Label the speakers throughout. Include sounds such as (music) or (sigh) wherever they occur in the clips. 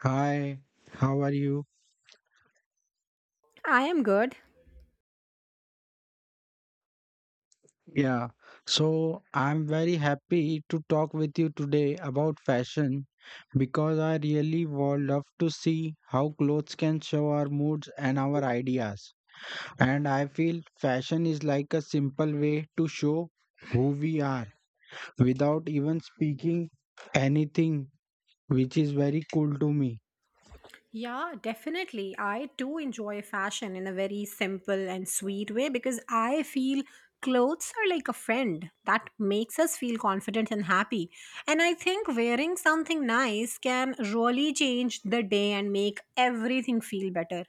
Speaker 1: Hi, how are you?
Speaker 2: I am good.
Speaker 1: Yeah, so I'm very happy to talk with you today about fashion because I really would love to see how clothes can show our moods and our ideas. And I feel fashion is like a simple way to show who we are without even speaking anything, which is very cool to me.
Speaker 2: Yeah, definitely. I too enjoy fashion in a very simple and sweet way because I feel clothes are like a friend that makes us feel confident and happy. And I think wearing something nice can really change the day and make everything feel better.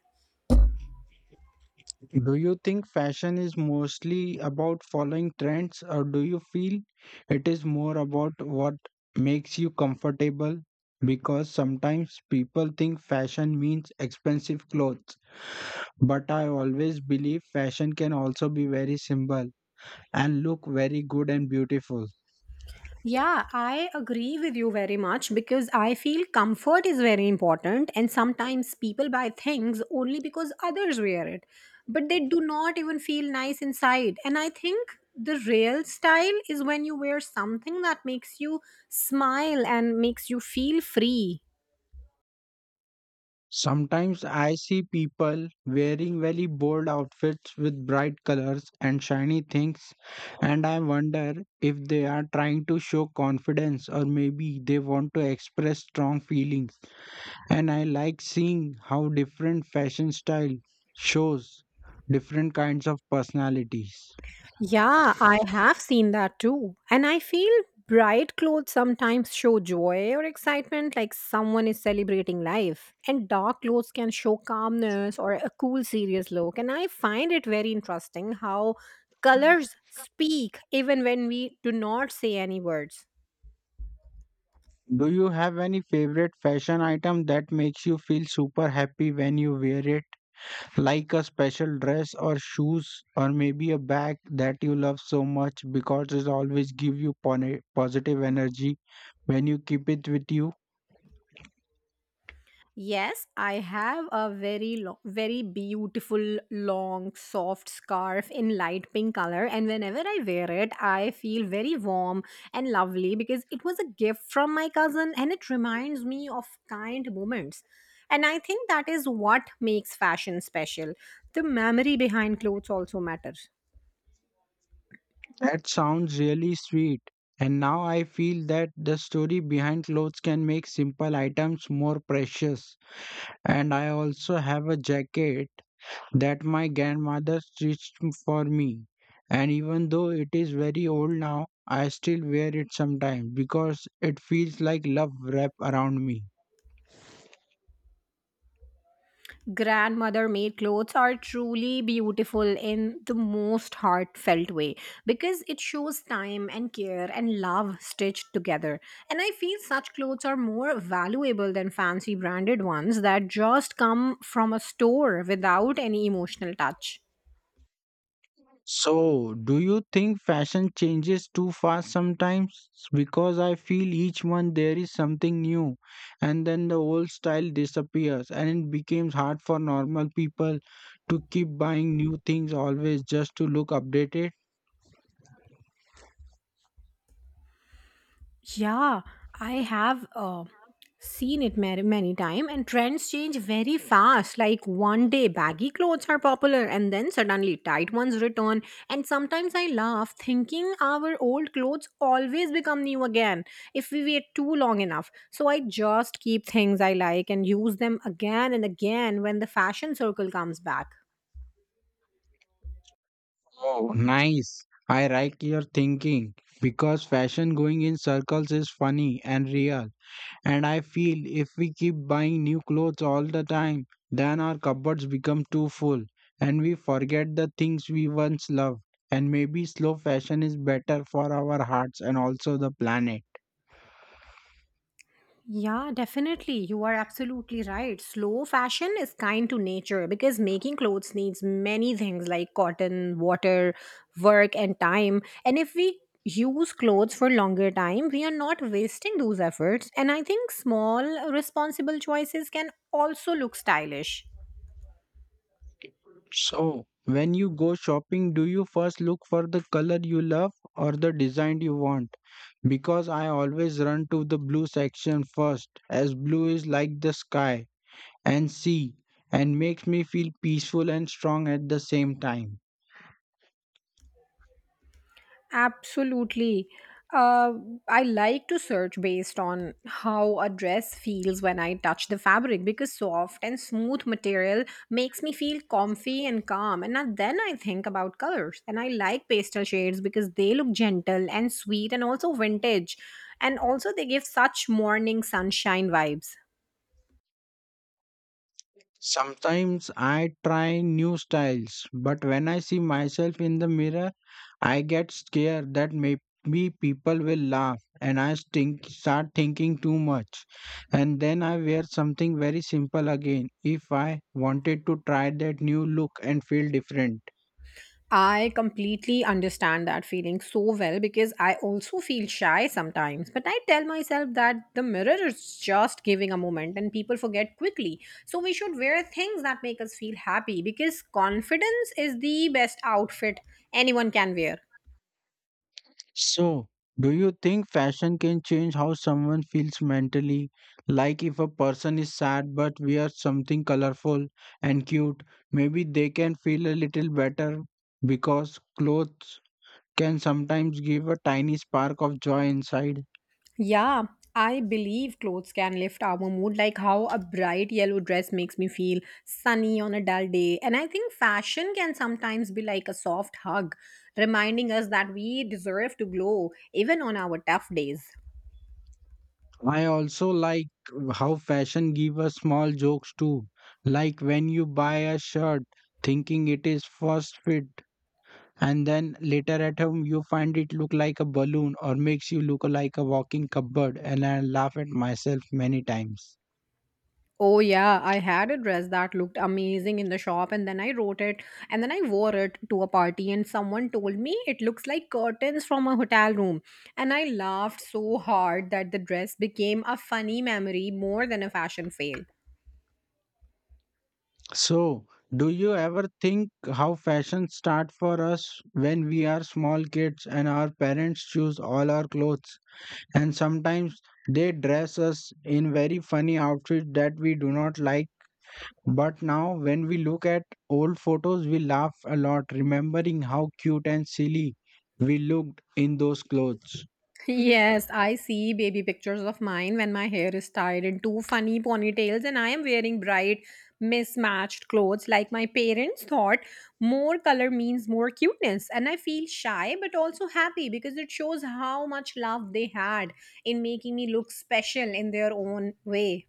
Speaker 1: Do you think fashion is mostly about following trends, or do you feel it is more about what makes you comfortable? Because sometimes people think fashion means expensive clothes, but I always believe fashion can also be very simple and look very good and beautiful.
Speaker 2: Yeah, I agree with you very much because I feel comfort is very important, and sometimes people buy things only because others wear it, but they do not even feel nice inside. And I think the real style is when you wear something that makes you smile and makes you feel free.
Speaker 1: Sometimes I see people wearing very bold outfits with bright colors and shiny things, and I wonder if they are trying to show confidence or maybe they want to express strong feelings. And I like seeing how different fashion style shows different kinds of personalities.
Speaker 2: Yeah, I have seen that too. And I feel bright clothes sometimes show joy or excitement, like someone is celebrating life. And dark clothes can show calmness or a cool, serious look. And I find it very interesting how colors speak even when we do not say any words.
Speaker 1: Do you have any favorite fashion item that makes you feel super happy when you wear it? Like a special dress or shoes or maybe a bag that you love so much because it always give you positive energy when you keep it with you.
Speaker 2: Yes, I have a very long, very beautiful long soft scarf in light pink color and whenever I wear it I feel very warm and lovely because it was a gift from my cousin and it reminds me of kind moments. And I think that is what makes fashion special. The memory behind clothes also matters.
Speaker 1: That sounds really sweet. And now I feel that the story behind clothes can make simple items more precious. And I also have a jacket that my grandmother stitched for me. And even though it is very old now, I still wear it sometimes because it feels like love wrapped around me.
Speaker 2: Grandmother made clothes are truly beautiful in the most heartfelt way because it shows time and care and love stitched together, and I feel such clothes are more valuable than fancy branded ones that just come from a store without any emotional touch.
Speaker 1: So, do you think fashion changes too fast sometimes? Because I feel each month there is something new, and then the old style disappears, and it becomes hard for normal people to keep buying new things always just to look updated.
Speaker 2: Yeah, I have seen it many, many time and trends change very fast. Like one day baggy clothes are popular and then suddenly tight ones return, and sometimes I laugh thinking our old clothes always become new again if we wait too long enough. So I just keep things I like and use them again and again when the fashion circle comes back.
Speaker 1: Oh, nice. I like your thinking because fashion going in circles is funny and real. And I feel if we keep buying new clothes all the time, then our cupboards become too full and we forget the things we once loved. And maybe slow fashion is better for our hearts and also the planet.
Speaker 2: Yeah, definitely. You are absolutely right. Slow fashion is kind to nature because making clothes needs many things like cotton, water, work, and time. And if we use clothes for longer time, we are not wasting those efforts. And I think small, responsible choices can also look stylish.
Speaker 1: So, when you go shopping, do you first look for the color you love or the design you want? Because I always run to the blue section first, as blue is like the sky and sea and makes me feel peaceful and strong at the same time.
Speaker 2: Absolutely. Uh, I like to search based on how a dress feels when I touch the fabric because soft and smooth material makes me feel comfy and calm. And now then I think about colors. And I like pastel shades because they look gentle and sweet and also vintage. And also, they give such morning sunshine vibes.
Speaker 1: Sometimes I try new styles, but when I see myself in the mirror, I get scared that maybe people will laugh and I think, start thinking too much. And then I wear something very simple again if I wanted to try that new look and feel different.
Speaker 2: I completely understand that feeling so well because I also feel shy sometimes. But I tell myself that the mirror is just giving a moment and people forget quickly. So we should wear things that make us feel happy because confidence is the best outfit anyone can wear.
Speaker 1: So, do you think fashion can change how someone feels mentally? Like if a person is sad but wears something colorful and cute, maybe they can feel a little better because clothes can sometimes give a tiny spark of joy inside.
Speaker 2: Yeah, I believe clothes can lift our mood, like how a bright yellow dress makes me feel sunny on a dull day. And I think fashion can sometimes be like a soft hug, reminding us that we deserve to glow even on our tough days.
Speaker 1: I also like how fashion give us small jokes too. Like when you buy a shirt thinking it is first fit and then later at home you find it look like a balloon or makes you look like a walking cupboard, and I laugh at myself many times.
Speaker 2: Oh, yeah, I had a dress that looked amazing in the shop, and then I wrote it, and then I wore it to a party, and someone told me it looks like curtains from a hotel room. And I laughed so hard that the dress became a funny memory more than a fashion fail.
Speaker 1: So, do you ever think how fashion start for us when we are small kids and our parents choose all our clothes and sometimes they dress us in very funny outfits that we do not like. But now, when we look at old photos, we laugh a lot, remembering how cute and silly we looked in those clothes.
Speaker 2: Yes, I see baby pictures of mine when my hair is tied in two funny ponytails and I am wearing bright, mismatched clothes. Like my parents thought, more color means more cuteness. And I feel shy but also happy because it shows how much love they had in making me look special in their own way.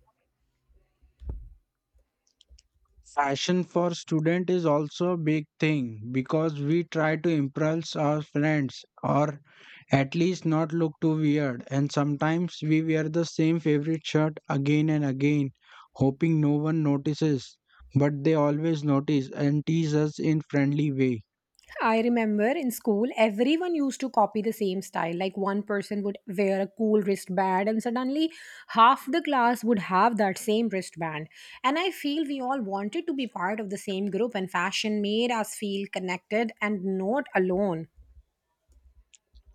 Speaker 1: Fashion for student is also a big thing because we try to impress our friends or at least not look too weird. And sometimes we wear the same favorite shirt again and again, hoping no one notices. But they always notice and tease us in friendly way.
Speaker 2: I remember in school, everyone used to copy the same style. Like one person would wear a cool wristband, and suddenly half the class would have that same wristband. And I feel we all wanted to be part of the same group, and fashion made us feel connected and not alone.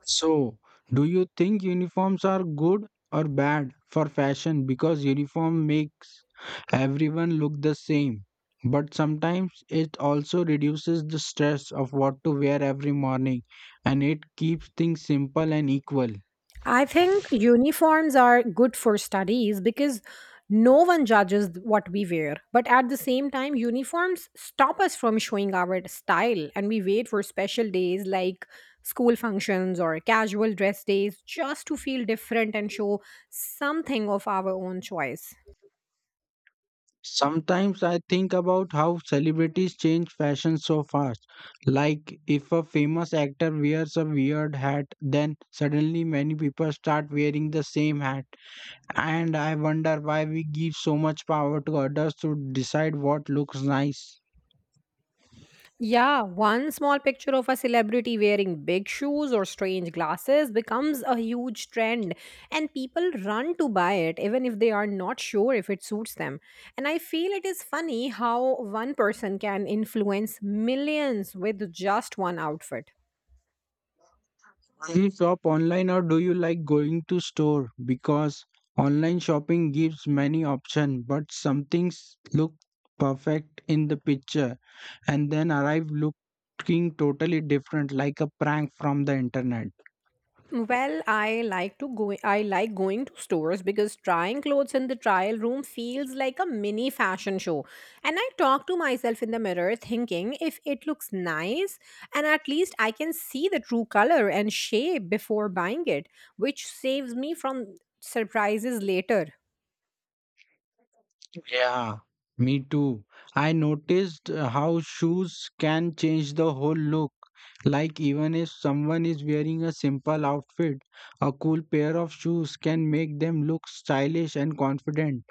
Speaker 1: So, do you think uniforms are good or bad for fashion because uniform makes everyone look the same? But sometimes it also reduces the stress of what to wear every morning and it keeps things simple and equal.
Speaker 2: I think uniforms are good for studies because no one judges what we wear. But at the same time, uniforms stop us from showing our style and we wait for special days like school functions or casual dress days just to feel different and show something of our own choice.
Speaker 1: Sometimes I think about how celebrities change fashion so fast. Like, if a famous actor wears a weird hat, then suddenly many people start wearing the same hat. And I wonder why we give so much power to others to decide what looks nice.
Speaker 2: Yeah, one small picture of a celebrity wearing big shoes or strange glasses becomes a huge trend, and people run to buy it even if they are not sure if it suits them. And I feel it is funny how one person can influence millions with just one outfit.
Speaker 1: Do you shop online or do you like going to store? Because online shopping gives many options, but some things look perfect in the picture and then arrive looking totally different, like a prank from the internet.
Speaker 2: Well, I like going to stores because trying clothes in the trial room feels like a mini fashion show. And I talk to myself in the mirror thinking if it looks nice, and at least I can see the true color and shape before buying it, which saves me from surprises later.
Speaker 1: Yeah, me too. I noticed how shoes can change the whole look. Like, even if someone is wearing a simple outfit, a cool pair of shoes can make them look stylish and confident.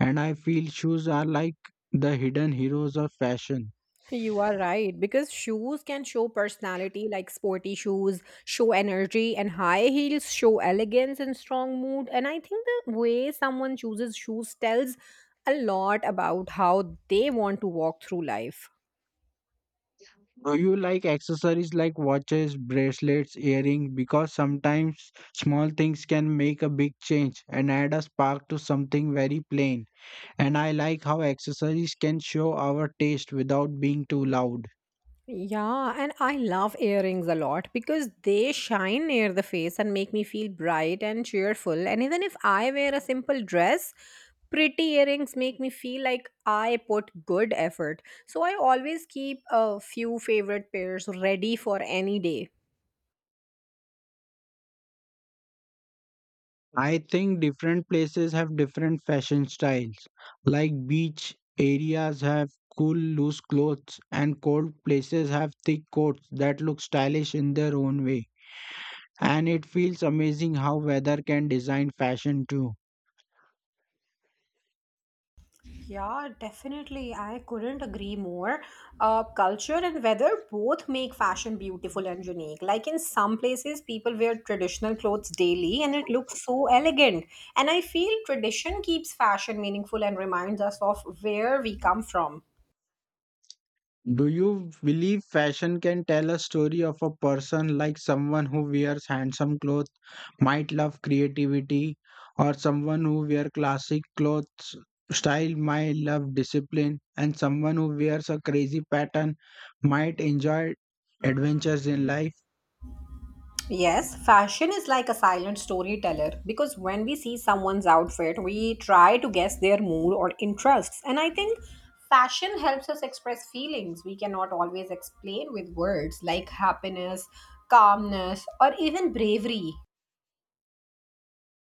Speaker 1: And I feel shoes are like the hidden heroes of fashion.
Speaker 2: You are right because shoes can show personality, like sporty shoes show energy, and high heels show elegance and strong mood. And I think the way someone chooses shoes tells a lot about how they want to walk through life.
Speaker 1: Do you like accessories like watches, bracelets, earrings? Because sometimes small things can make a big change and add a spark to something very plain. And I like how accessories can show our taste without being too loud.
Speaker 2: Yeah, and I love earrings a lot because they shine near the face and make me feel bright and cheerful. And even if I wear a simple dress, pretty earrings make me feel like I put good effort. So I always keep a few favorite pairs ready for any day.
Speaker 1: I think different places have different fashion styles. Like beach areas have cool loose clothes and cold places have thick coats that look stylish in their own way. And it feels amazing how weather can design fashion too.
Speaker 2: Yeah, definitely. I couldn't agree more. Culture and weather both make fashion beautiful and unique. Like in some places, people wear traditional clothes daily and it looks so elegant. And I feel tradition keeps fashion meaningful and reminds us of where we come from.
Speaker 1: Do you believe fashion can tell a story of a person, like someone who wears handsome clothes might love creativity, or someone who wears classic clothes style might love discipline, and someone who wears a crazy pattern might enjoy adventures in life?
Speaker 2: Yes, fashion is like a silent storyteller because when we see someone's outfit, we try to guess their mood or interests. And I think fashion helps us express feelings we cannot always explain with words like happiness, calmness, or even bravery.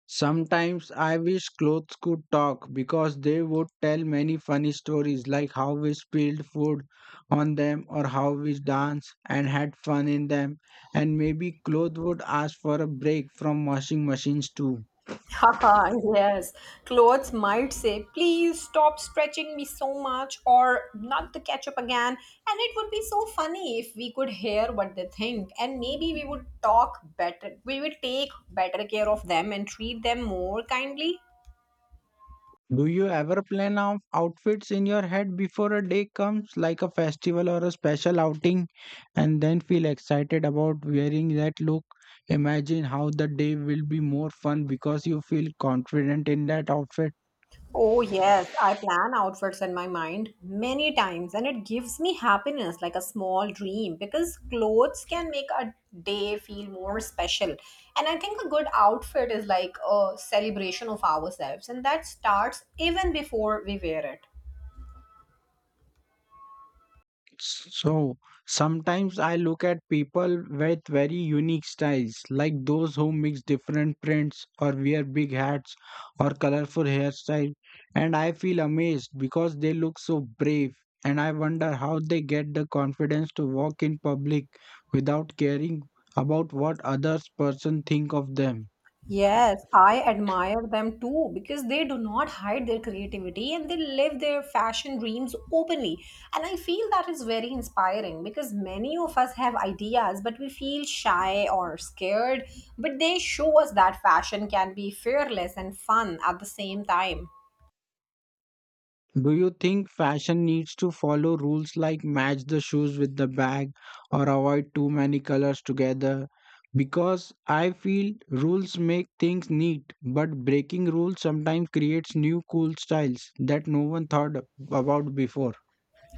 Speaker 1: Sometimes I wish clothes could talk because they would tell many funny stories, like how we spilled food on them or how we danced and had fun in them. And maybe clothes would ask for a break from washing machines too.
Speaker 2: Haha, yes. Clothes might say, please stop stretching me so much, or not the ketchup again. And it would be so funny if we could hear what they think. And maybe we would talk better. We would take better care of them and treat them more kindly.
Speaker 1: Do you ever plan out outfits in your head before a day comes, like a festival or a special outing, and then feel excited about wearing that look? Imagine how the day will be more fun because you feel confident in that outfit.
Speaker 2: Oh, yes, I plan outfits in my mind many times, and it gives me happiness like a small dream because clothes can make a day feel more special. And I think a good outfit is like a celebration of ourselves, and that starts even before we wear it.
Speaker 1: So sometimes I look at people with very unique styles, like those who mix different prints or wear big hats or colorful hairstyles, and I feel amazed because they look so brave. And I wonder how they get the confidence to walk in public without caring about what others person think of them.
Speaker 2: Yes, I admire them too because they do not hide their creativity and they live their fashion dreams openly. And I feel that is very inspiring because many of us have ideas, but we feel shy or scared. But they show us that fashion can be fearless and fun at the same time.
Speaker 1: Do you think fashion needs to follow rules, like match the shoes with the bag or avoid too many colors together? Because I feel rules make things neat, but breaking rules sometimes creates new cool styles that no one thought about before.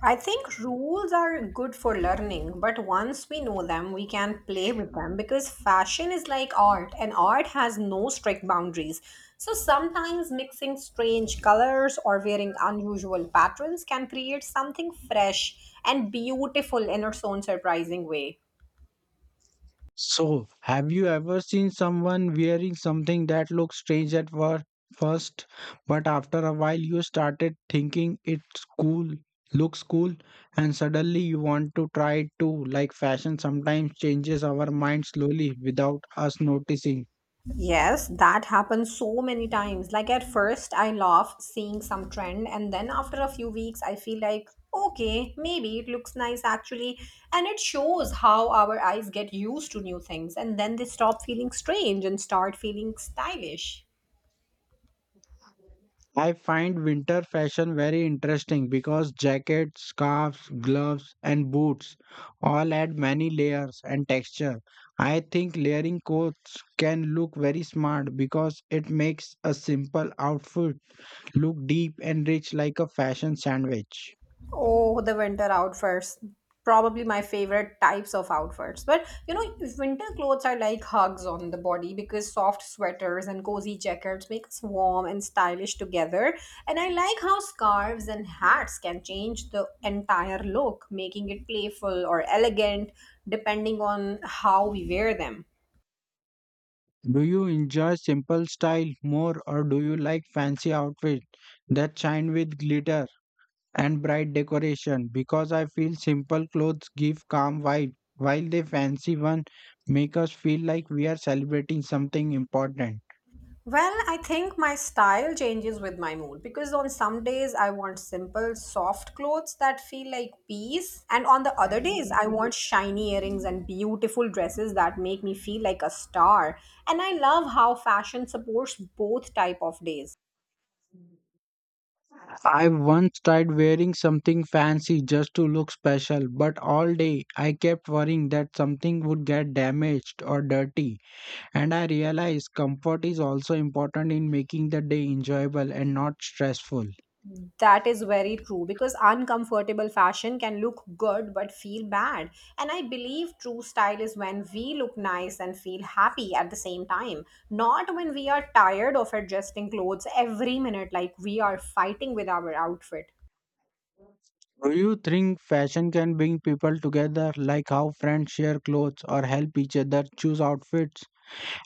Speaker 2: I think rules are good for learning, but once we know them, we can play with them because fashion is like art and art has no strict boundaries. So sometimes mixing strange colors or wearing unusual patterns can create something fresh and beautiful in its own surprising way.
Speaker 1: So, have you ever seen someone wearing something that looked strange at first, but after a while you started thinking looks cool, and suddenly you want to try it too? Like fashion sometimes changes our mind slowly without us noticing.
Speaker 2: Yes, that happens so many times. Like at first, I laugh seeing some trend, and then after a few weeks, I feel like, okay, maybe it looks nice actually. And it shows how our eyes get used to new things, and then they stop feeling strange and start feeling stylish.
Speaker 1: I find winter fashion very interesting because jackets, scarves, gloves, and boots all add many layers and texture. I think layering coats can look very smart because it makes a simple outfit look deep and rich, like a fashion sandwich.
Speaker 2: Oh, the winter outfits. Probably my favorite types of outfits. But you know, winter clothes are like hugs on the body because soft sweaters and cozy jackets make us warm and stylish together. And I like how scarves and hats can change the entire look, making it playful or elegant depending on how we wear them.
Speaker 1: Do you enjoy simple style more or do you like fancy outfits that shine with glitter and bright decoration? Because I feel simple clothes give calm vibe while the fancy one make us feel like we are celebrating something important.
Speaker 2: Well, I think my style changes with my mood because on some days I want simple, soft clothes that feel like peace, and on the other days I want shiny earrings and beautiful dresses that make me feel like a star. And I love how fashion supports both type of days.
Speaker 1: I once tried wearing something fancy just to look special, but all day I kept worrying that something would get damaged or dirty. And I realized comfort is also important in making the day enjoyable and not stressful.
Speaker 2: That is very true because uncomfortable fashion can look good but feel bad. And I believe true style is when we look nice and feel happy at the same time, not when we are tired of adjusting clothes every minute like we are fighting with our outfit.
Speaker 1: Do you think fashion can bring people together, like how friends share clothes or help each other choose outfits?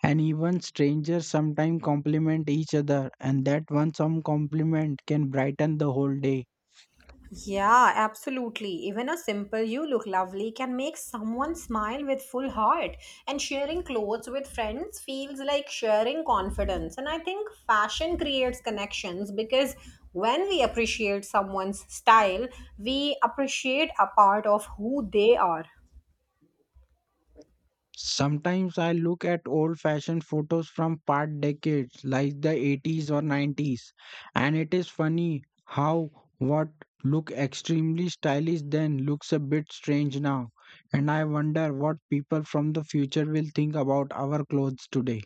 Speaker 1: And even strangers sometimes compliment each other, and that one some compliment can brighten the whole day.
Speaker 2: Yeah, absolutely. Even a simple you look lovely can make someone smile with full heart. And sharing clothes with friends feels like sharing confidence. And I think fashion creates connections because when we appreciate someone's style, we appreciate a part of who they are.
Speaker 1: Sometimes I look at old fashioned photos from past decades, like the 80s or 90s, and it is funny how what looked extremely stylish then looks a bit strange now. And I wonder what people from the future will think about our clothes today.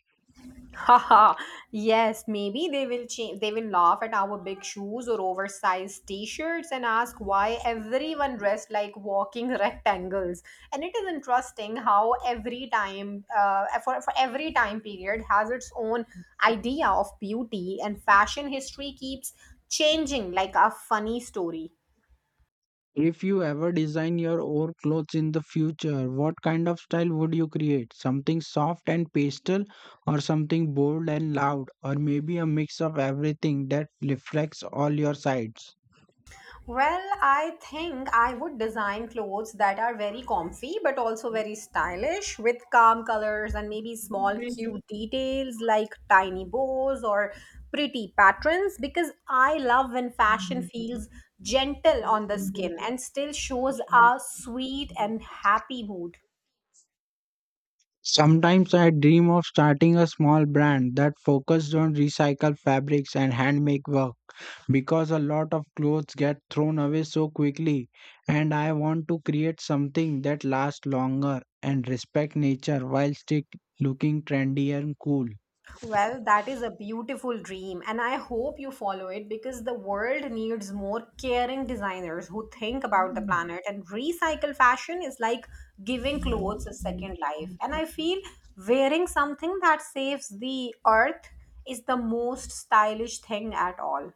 Speaker 2: Haha, yes, maybe they will laugh at our big shoes or oversized t-shirts and ask why everyone dressed like walking (laughs) rectangles. And it is interesting how every time for every time period has its own idea of beauty and fashion history keeps changing like a funny story.
Speaker 1: If you ever design your own clothes in the future, what kind of style would you create? Something soft and pastel, or something bold and loud, or maybe a mix of everything that reflects all your sides?
Speaker 2: Well, I think I would design clothes that are very comfy but also very stylish with calm colors and maybe small cute details like tiny bows or pretty patterns because I love when fashion feels gentle on the skin and still shows a sweet and happy mood.
Speaker 1: Sometimes I dream of starting a small brand that focused on recycled fabrics and handmade work, because a lot of clothes get thrown away so quickly and I want to create something that lasts longer and respect nature while still looking trendy and cool.
Speaker 2: Well, that is a beautiful dream, and I hope you follow it because the world needs more caring designers who think about the planet. And recycle fashion is like giving clothes a second life. And I feel wearing something that saves the earth is the most stylish thing at all.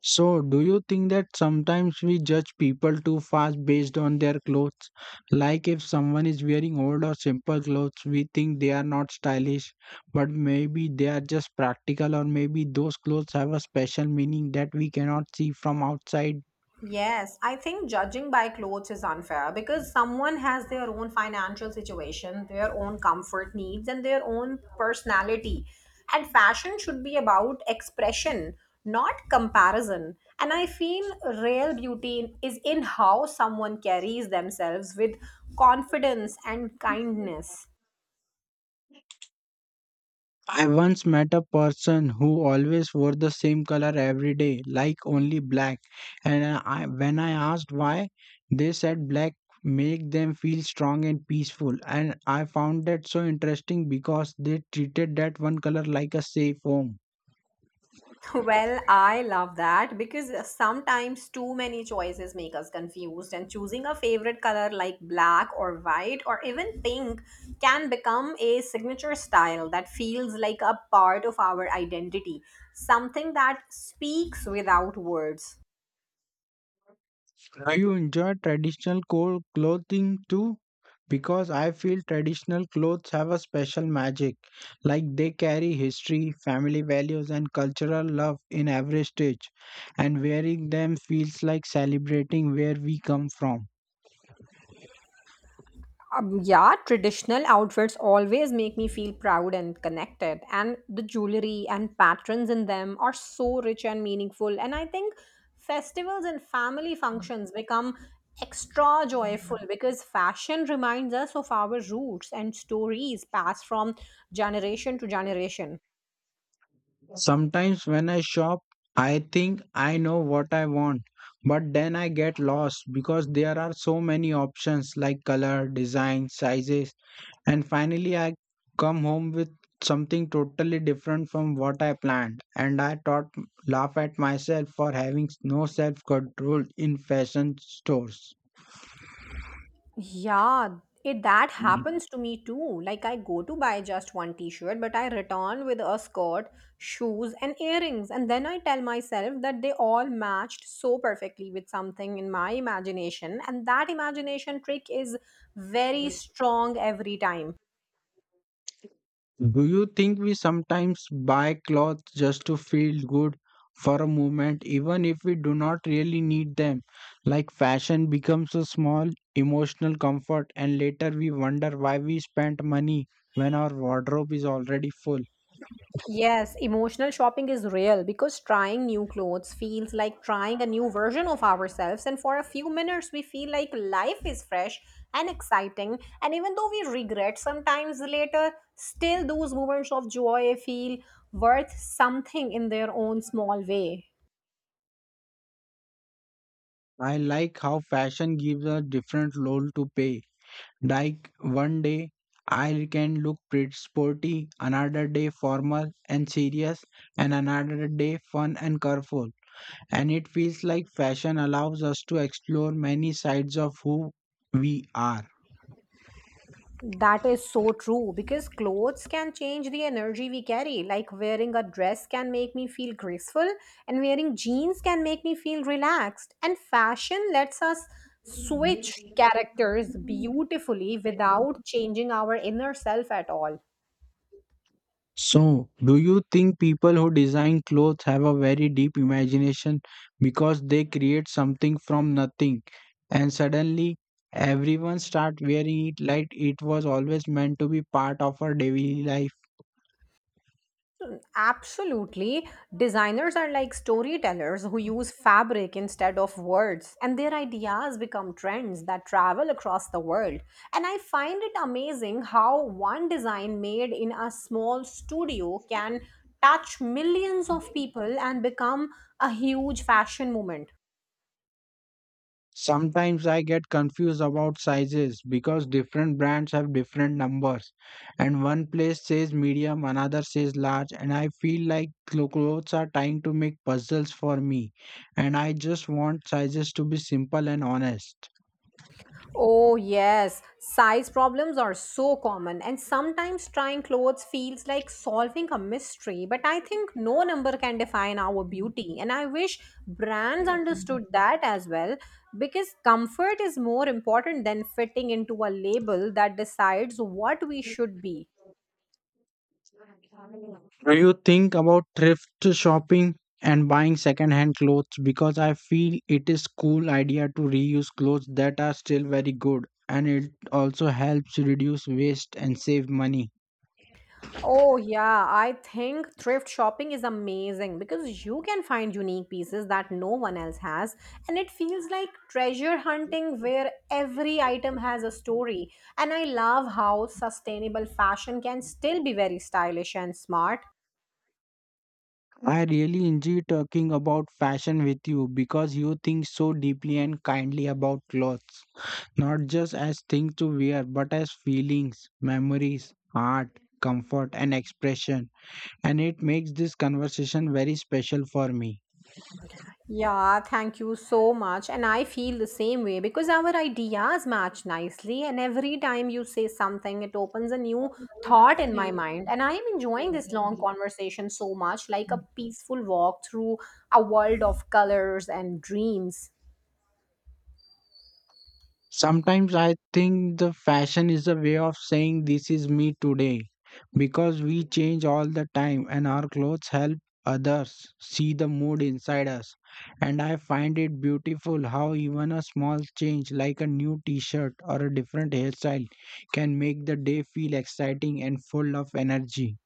Speaker 1: So, do you think that sometimes we judge people too fast based on their clothes? Like if someone is wearing old or simple clothes, we think they are not stylish, but maybe they are just practical, or maybe those clothes have a special meaning that we cannot see from outside.
Speaker 2: Yes, I think judging by clothes is unfair because someone has their own financial situation, their own comfort needs, and their own personality. And fashion should be about expression, not comparison. And I feel real beauty is in how someone carries themselves with confidence and kindness.
Speaker 1: I once met a person who always wore the same color every day, like only black. And I, when I asked why, they said black make them feel strong and peaceful. And I found that so interesting because they treated that one color like a safe home.
Speaker 2: Well, I love that because sometimes too many choices make us confused, and choosing a favorite color like black or white or even pink can become a signature style that feels like a part of our identity, something that speaks without words.
Speaker 1: Do you enjoy traditional clothing too? Because I feel traditional clothes have a special magic, like they carry history, family values, and cultural love in every stitch, and wearing them feels like celebrating where we come from.
Speaker 2: Yeah, traditional outfits always make me feel proud and connected, and the jewelry and patterns in them are so rich and meaningful. And I think festivals and family functions become extra joyful because fashion reminds us of our roots and stories passed from generation to generation.
Speaker 1: Sometimes when I shop, I think I know what I want, but then I get lost because there are so many options like color, design, sizes, and finally, I come home with something totally different from what I planned, and I thought laugh at myself for having no self control in fashion stores.
Speaker 2: Yeah, it that
Speaker 1: Mm.
Speaker 2: happens to me too. Like I go to buy just one t-shirt, but I return with a skirt, shoes, and earrings, and then I tell myself that they all matched so perfectly with something in my imagination, and that imagination trick is very strong every time.
Speaker 1: Do you think we sometimes buy clothes just to feel good for a moment, even if we do not really need them? Like fashion becomes a small emotional comfort, and later we wonder why we spent money when our wardrobe is already full.
Speaker 2: Yes, emotional shopping is real because trying new clothes feels like trying a new version of ourselves. And for a few minutes, we feel like life is fresh and exciting. And even though we regret sometimes later, still those moments of joy feel worth something in their own small way.
Speaker 1: I like how fashion gives a different role to pay. Like one day I can look pretty sporty, another day formal and serious, and another day fun and colorful. And it feels like fashion allows us to explore many sides of who we are.
Speaker 2: That is so true because clothes can change the energy we carry. Like wearing a dress can make me feel graceful, and wearing jeans can make me feel relaxed. And fashion lets us switch characters beautifully without changing our inner self at all.
Speaker 1: So, do you think people who design clothes have a very deep imagination because they create something from nothing and suddenly everyone start wearing it like it was always meant to be part of our daily life?
Speaker 2: Absolutely. Designers are like storytellers who use fabric instead of words, and their ideas become trends that travel across the world. And I find it amazing how one design made in a small studio can touch millions of people and become a huge fashion movement.
Speaker 1: Sometimes I get confused about sizes because different brands have different numbers, and one place says medium, another says large, and I feel like clothes are trying to make puzzles for me, and I just want sizes to be simple and honest.
Speaker 2: Oh, yes. Size problems are so common, and sometimes trying clothes feels like solving a mystery. But I think no number can define our beauty, and I wish brands understood that as well because comfort is more important than fitting into a label that decides what we should be.
Speaker 1: Do you think about thrift shopping and buying second-hand clothes? Because I feel it is cool idea to reuse clothes that are still very good, and it also helps reduce waste and save money.
Speaker 2: Oh, yeah. I think thrift shopping is amazing because you can find unique pieces that no one else has. And it feels like treasure hunting where every item has a story. And I love how sustainable fashion can still be very stylish and smart.
Speaker 1: I really enjoy talking about fashion with you because you think so deeply and kindly about clothes, not just as things to wear, but as feelings, memories, art, comfort, and expression. And it makes this conversation very special for me.
Speaker 2: Yeah, thank you so much. And I feel the same way because our ideas match nicely. And every time you say something, it opens a new thought in my mind. And I am enjoying this long conversation so much, like a peaceful walk through a world of colors and dreams.
Speaker 1: Sometimes I think the fashion is a way of saying this is me today because we change all the time and our clothes help others see the mood inside us. And I find it beautiful how even a small change like a new t shirt or a different hairstyle can make the day feel exciting and full of energy.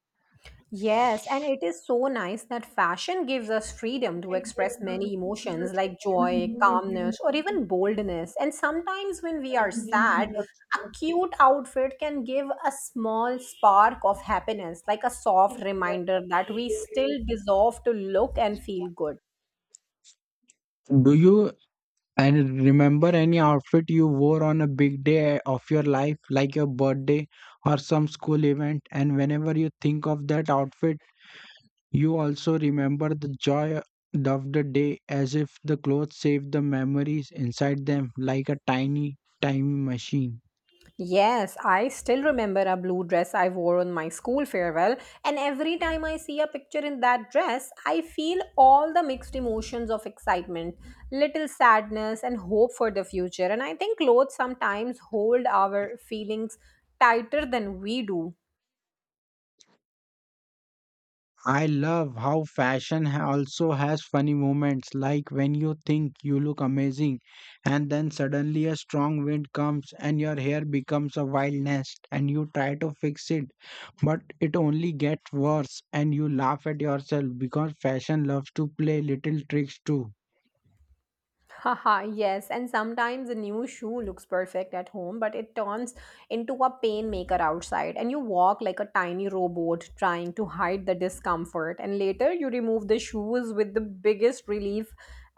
Speaker 2: Yes, and it is so nice that fashion gives us freedom to express many emotions like joy, calmness, or even boldness. And sometimes when we are sad, a cute outfit can give a small spark of happiness, like a soft reminder that we still deserve to look and feel good.
Speaker 1: Do you And remember any outfit you wore on a big day of your life, like your birthday or some school event. And whenever you think of that outfit, you also remember the joy of the day as if the clothes save the memories inside them like a tiny time machine.
Speaker 2: Yes, I still remember a blue dress I wore on my school farewell, and every time I see a picture in that dress, I feel all the mixed emotions of excitement, little sadness, and hope for the future. And I think clothes sometimes hold our feelings tighter than we do.
Speaker 1: I love how fashion also has funny moments, like when you think you look amazing, and then suddenly a strong wind comes and your hair becomes a wild nest, and you try to fix it, but it only gets worse, and you laugh at yourself because fashion loves to play little tricks too.
Speaker 2: Haha, yes, and sometimes a new shoe looks perfect at home, but it turns into a pain maker outside, and you walk like a tiny robot trying to hide the discomfort. And later, you remove the shoes with the biggest relief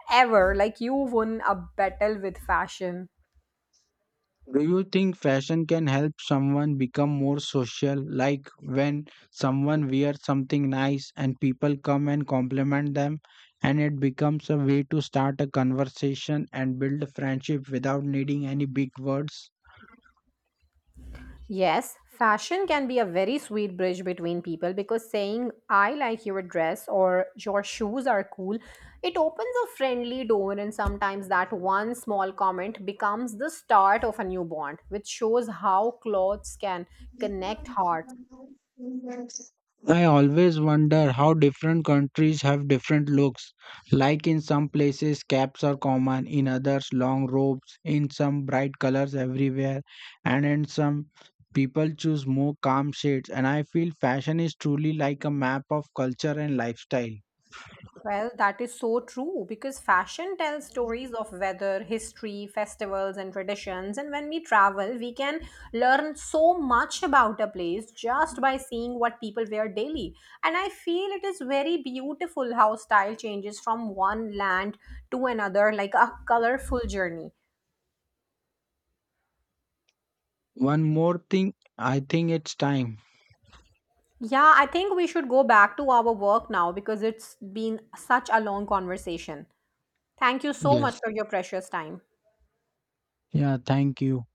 Speaker 2: ever, like you won a battle with fashion.
Speaker 1: Do you think fashion can help someone become more social? Like when someone wears something nice and people come and compliment them, and it becomes a way to start a conversation and build a friendship without needing any big words?
Speaker 2: Yes, fashion can be a very sweet bridge between people because saying, I like your dress or your shoes are cool, it opens a friendly door, and sometimes that one small comment becomes the start of a new bond, which shows how clothes can connect hearts.
Speaker 1: I always wonder how different countries have different looks. Like in some places, caps are common, in others, long robes, in some, bright colors everywhere, and in some, people choose more calm shades. And I feel fashion is truly like a map of culture and lifestyle.
Speaker 2: Well, that is so true because fashion tells stories of weather, history, festivals, and traditions. And when we travel, we can learn so much about a place just by seeing what people wear daily. And I feel it is very beautiful how style changes from one land to another, like a colorful journey.
Speaker 1: One more thing, I think it's time.
Speaker 2: Yeah, I think we should go back to our work now because it's been such a long conversation. Thank you so much
Speaker 1: Yes.
Speaker 2: for your precious time.
Speaker 1: Yeah, thank you.